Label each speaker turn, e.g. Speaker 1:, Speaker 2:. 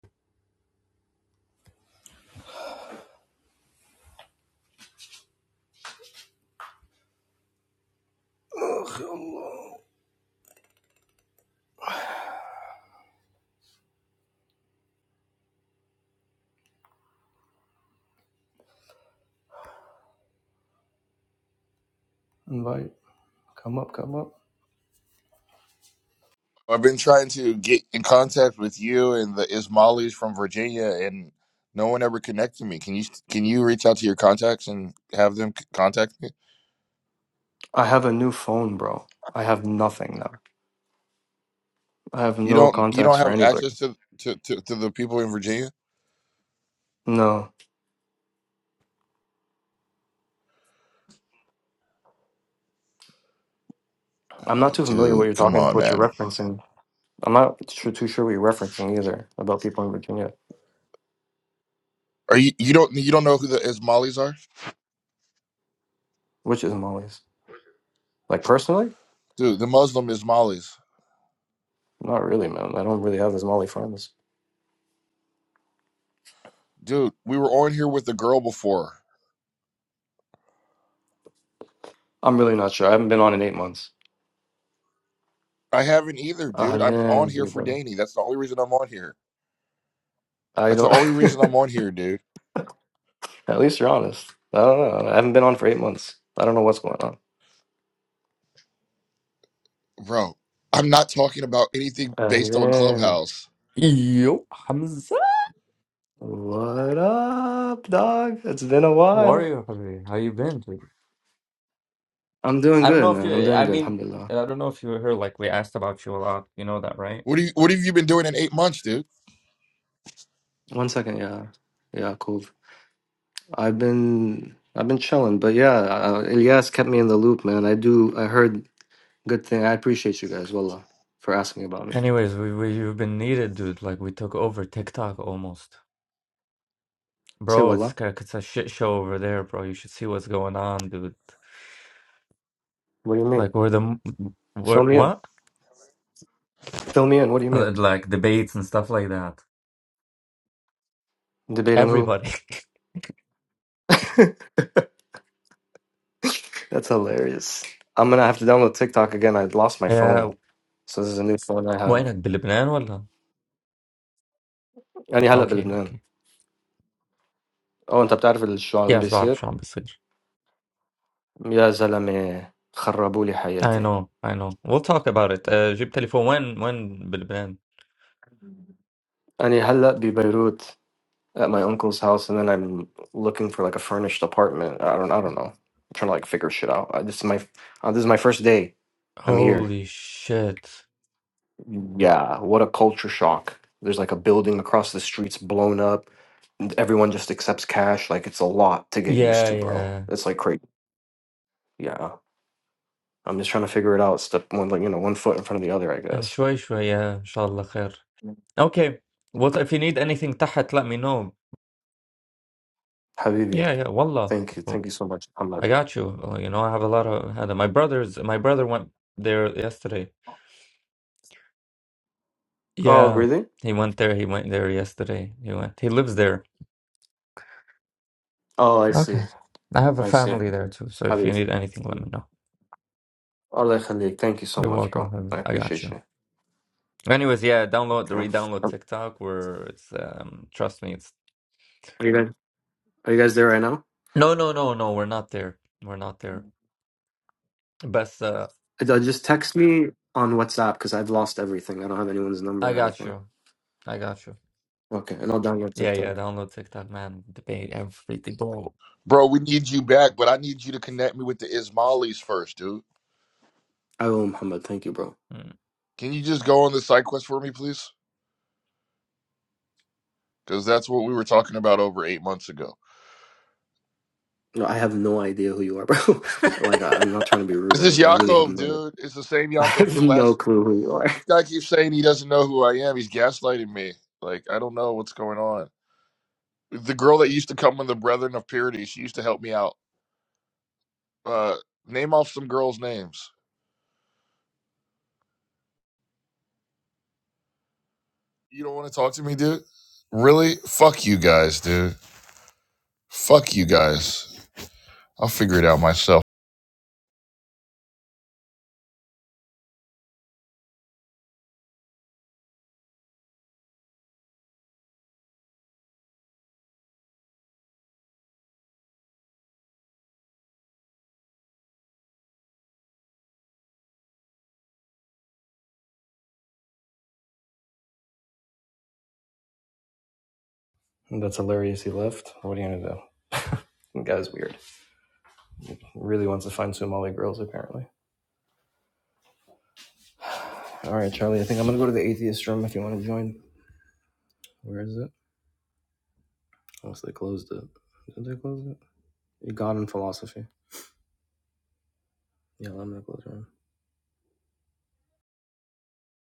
Speaker 1: Invite. Come up, come up.
Speaker 2: I've been trying to get in contact with you and the Ismailis from Virginia, and no one ever connected me. Can you can you reach out to your contacts and have them c- contact me?
Speaker 1: I have a new phone, bro. I have nothing now. I have
Speaker 2: You
Speaker 1: no
Speaker 2: don't you
Speaker 1: contacts
Speaker 2: don't
Speaker 1: for
Speaker 2: have
Speaker 1: anybody.
Speaker 2: access to to, to, to the people in Virginia,
Speaker 1: No. I'm not
Speaker 2: uh,
Speaker 1: too familiar what
Speaker 2: dude.
Speaker 1: you're
Speaker 2: Come
Speaker 1: talking
Speaker 2: on,
Speaker 1: what you're
Speaker 2: man.
Speaker 1: referencing. I'm not su- too sure what you're referencing either about people in Virginia.
Speaker 2: Are you you don't you don't know who the Ismailis are,
Speaker 1: Which is Molly's? Like personally?
Speaker 2: dude? The Muslim Ismailis,
Speaker 1: Not really, man. I don't really have as Molly friends.
Speaker 2: dude. We were on here with the girl before.
Speaker 1: I'm really not sure. I haven't been on in eight months.
Speaker 2: I haven't either, dude. I'm on
Speaker 1: Ahlan,
Speaker 2: here for
Speaker 1: bro.
Speaker 2: Danny. That's the only reason I'm on here.
Speaker 1: I
Speaker 2: That's the
Speaker 1: don't
Speaker 2: only reason I'm on here, dude.
Speaker 1: at least you're honest. I don't know. I haven't been on for eight months. I don't know what's going on.
Speaker 2: Bro, I'm not talking about anything based on
Speaker 1: Ahlan.
Speaker 2: Clubhouse.
Speaker 3: Yo, Hamza,
Speaker 1: What up, dog? It's been a
Speaker 3: how are
Speaker 1: while.
Speaker 3: you, Habib? How you been, dude?
Speaker 1: I'm doing
Speaker 3: I don't
Speaker 1: good,
Speaker 3: know if
Speaker 1: man. I'm
Speaker 3: you,
Speaker 1: doing
Speaker 3: I
Speaker 1: good,
Speaker 3: mean,
Speaker 1: alhamdulillah.
Speaker 3: I don't know if you heard, like, we asked about you a lot. You know that, right?
Speaker 2: What do you what have you been doing in eight months, dude?
Speaker 1: One second, yeah. Yeah, cool. I've been I've been chilling, but yeah, uh, Ilyas kept me in the loop, man. I do I heard good thing. I appreciate you guys, wallah, for asking about me.
Speaker 3: Anyways, we, we you've been needed, dude. Like, we took over TikTok almost.
Speaker 1: Say
Speaker 3: Bro, it's
Speaker 1: wallah.
Speaker 3: ca- it's a shit show over there, bro. You should see what's going on, dude.
Speaker 1: What do you mean?
Speaker 3: Like, we're the, m-
Speaker 1: Fill
Speaker 3: we're,
Speaker 1: me in.
Speaker 3: what?
Speaker 1: Fill me in. What do you
Speaker 3: Uh,
Speaker 1: mean?
Speaker 3: Like, debates and stuff like that.
Speaker 1: Debating who?
Speaker 3: Everybody.
Speaker 1: That's hilarious. I'm gonna have to download TikTok again. I lost my
Speaker 3: Yeah,
Speaker 1: phone. So this is a new phone I have.
Speaker 3: وينك بلبنان ولا؟
Speaker 1: يعني هلا
Speaker 3: Okay,
Speaker 1: بلبنان.
Speaker 3: okay.
Speaker 1: Oh, انت بتعرف شو عم
Speaker 3: Yes,
Speaker 1: بيصير؟
Speaker 3: بعرف شو عم بصير.
Speaker 1: يا زلمة خربوا لي
Speaker 3: I
Speaker 1: حياتي
Speaker 3: know, I know. We'll talk about it. Uh, جبت تليفون وين وين بلبنان؟
Speaker 1: أنا هلأ ببيروت at my uncle's house and then I'm looking for like a furnished apartment I don't I don't know I'm trying to like figure shit out Uh, this is my uh, this is my first day I'm here
Speaker 3: Holy shit.
Speaker 1: yeah what a culture shock there's like a building across the streets blown up and everyone just accepts cash like it's a lot to get used
Speaker 3: Yeah,
Speaker 1: to bro
Speaker 3: yeah.
Speaker 1: it's like crazy yeah I'm just trying to figure it out step one like you know one foot in front of the other I
Speaker 3: Uh,
Speaker 1: guess
Speaker 3: شوي شوي yeah. إن شاء الله خير. Okay. What if you need anything تحت let me know.
Speaker 1: Habibi
Speaker 3: Yeah, yeah. Wallah.
Speaker 1: thank you thank you so much I'm like,
Speaker 3: I got you. Uh, You know, I have a lot of هذا. My brother's my brother went there yesterday.
Speaker 1: oh
Speaker 3: Yeah.
Speaker 1: really
Speaker 3: He went there. He went there yesterday. He went. He lives there.
Speaker 1: Oh, I see.
Speaker 3: Okay. I have a
Speaker 1: I see.
Speaker 3: family there too. So if you
Speaker 1: Habib.
Speaker 3: need anything let me know.
Speaker 1: Allah Khalid, thank you so
Speaker 3: You're
Speaker 1: much,
Speaker 3: welcome.
Speaker 1: bro.
Speaker 3: brother.
Speaker 1: I
Speaker 3: I got you.
Speaker 1: appreciate you.
Speaker 3: Anyways, yeah, download the
Speaker 1: Okay.
Speaker 3: re-download
Speaker 1: Um,
Speaker 3: TikTok where it's um trust me, it's
Speaker 1: Are you guys are you guys there right now?
Speaker 3: no no no no, we're not there. We're not there. But uh
Speaker 1: Uh, uh, Just text me on WhatsApp because I've lost everything. I don't have anyone's
Speaker 3: I
Speaker 1: number or
Speaker 3: got
Speaker 1: anything.
Speaker 3: you. I got you.
Speaker 1: Okay, and I'll download
Speaker 3: Yeah, yeah,
Speaker 1: TikTok.
Speaker 3: download TikTok, man. Debate everything, bro.
Speaker 2: Bro, we need you back, but I need you to connect me with the Ismailis first, dude.
Speaker 1: I will, Muhammad. Thank you, bro.
Speaker 3: mm.
Speaker 2: Can you just go on the side quest for me, please? Because that's what we were talking about over eight months ago.
Speaker 1: No, I have no idea who you are, bro. like, I, I'm not trying to be rude
Speaker 2: This
Speaker 1: or
Speaker 2: is
Speaker 1: anything. I really have
Speaker 2: Yaakov,
Speaker 1: no,
Speaker 2: dude. It's the same
Speaker 1: I
Speaker 2: Yaakov
Speaker 1: have
Speaker 2: for the
Speaker 1: no
Speaker 2: last.
Speaker 1: clue who you are.
Speaker 2: This guy keeps saying he doesn't know who I am. He's gaslighting me. Like I don't know what's going on. The girl that used to come with the Brethren of Purity, she used to help me out. Uh, name off some girls' names. You don't want to talk to me, dude? Really? Fuck you guys, dude. Fuck you guys. I'll figure it out myself.
Speaker 1: That's hilarious. He left. What are you gonna do? The guy's weird. Really wants to find Somali girls apparently. All right, Charlie. I think I'm gonna go to the atheist room if you want to join. Where is it? Unless they closed it. Did they close it? God and philosophy. Yeah, I'm gonna close the room.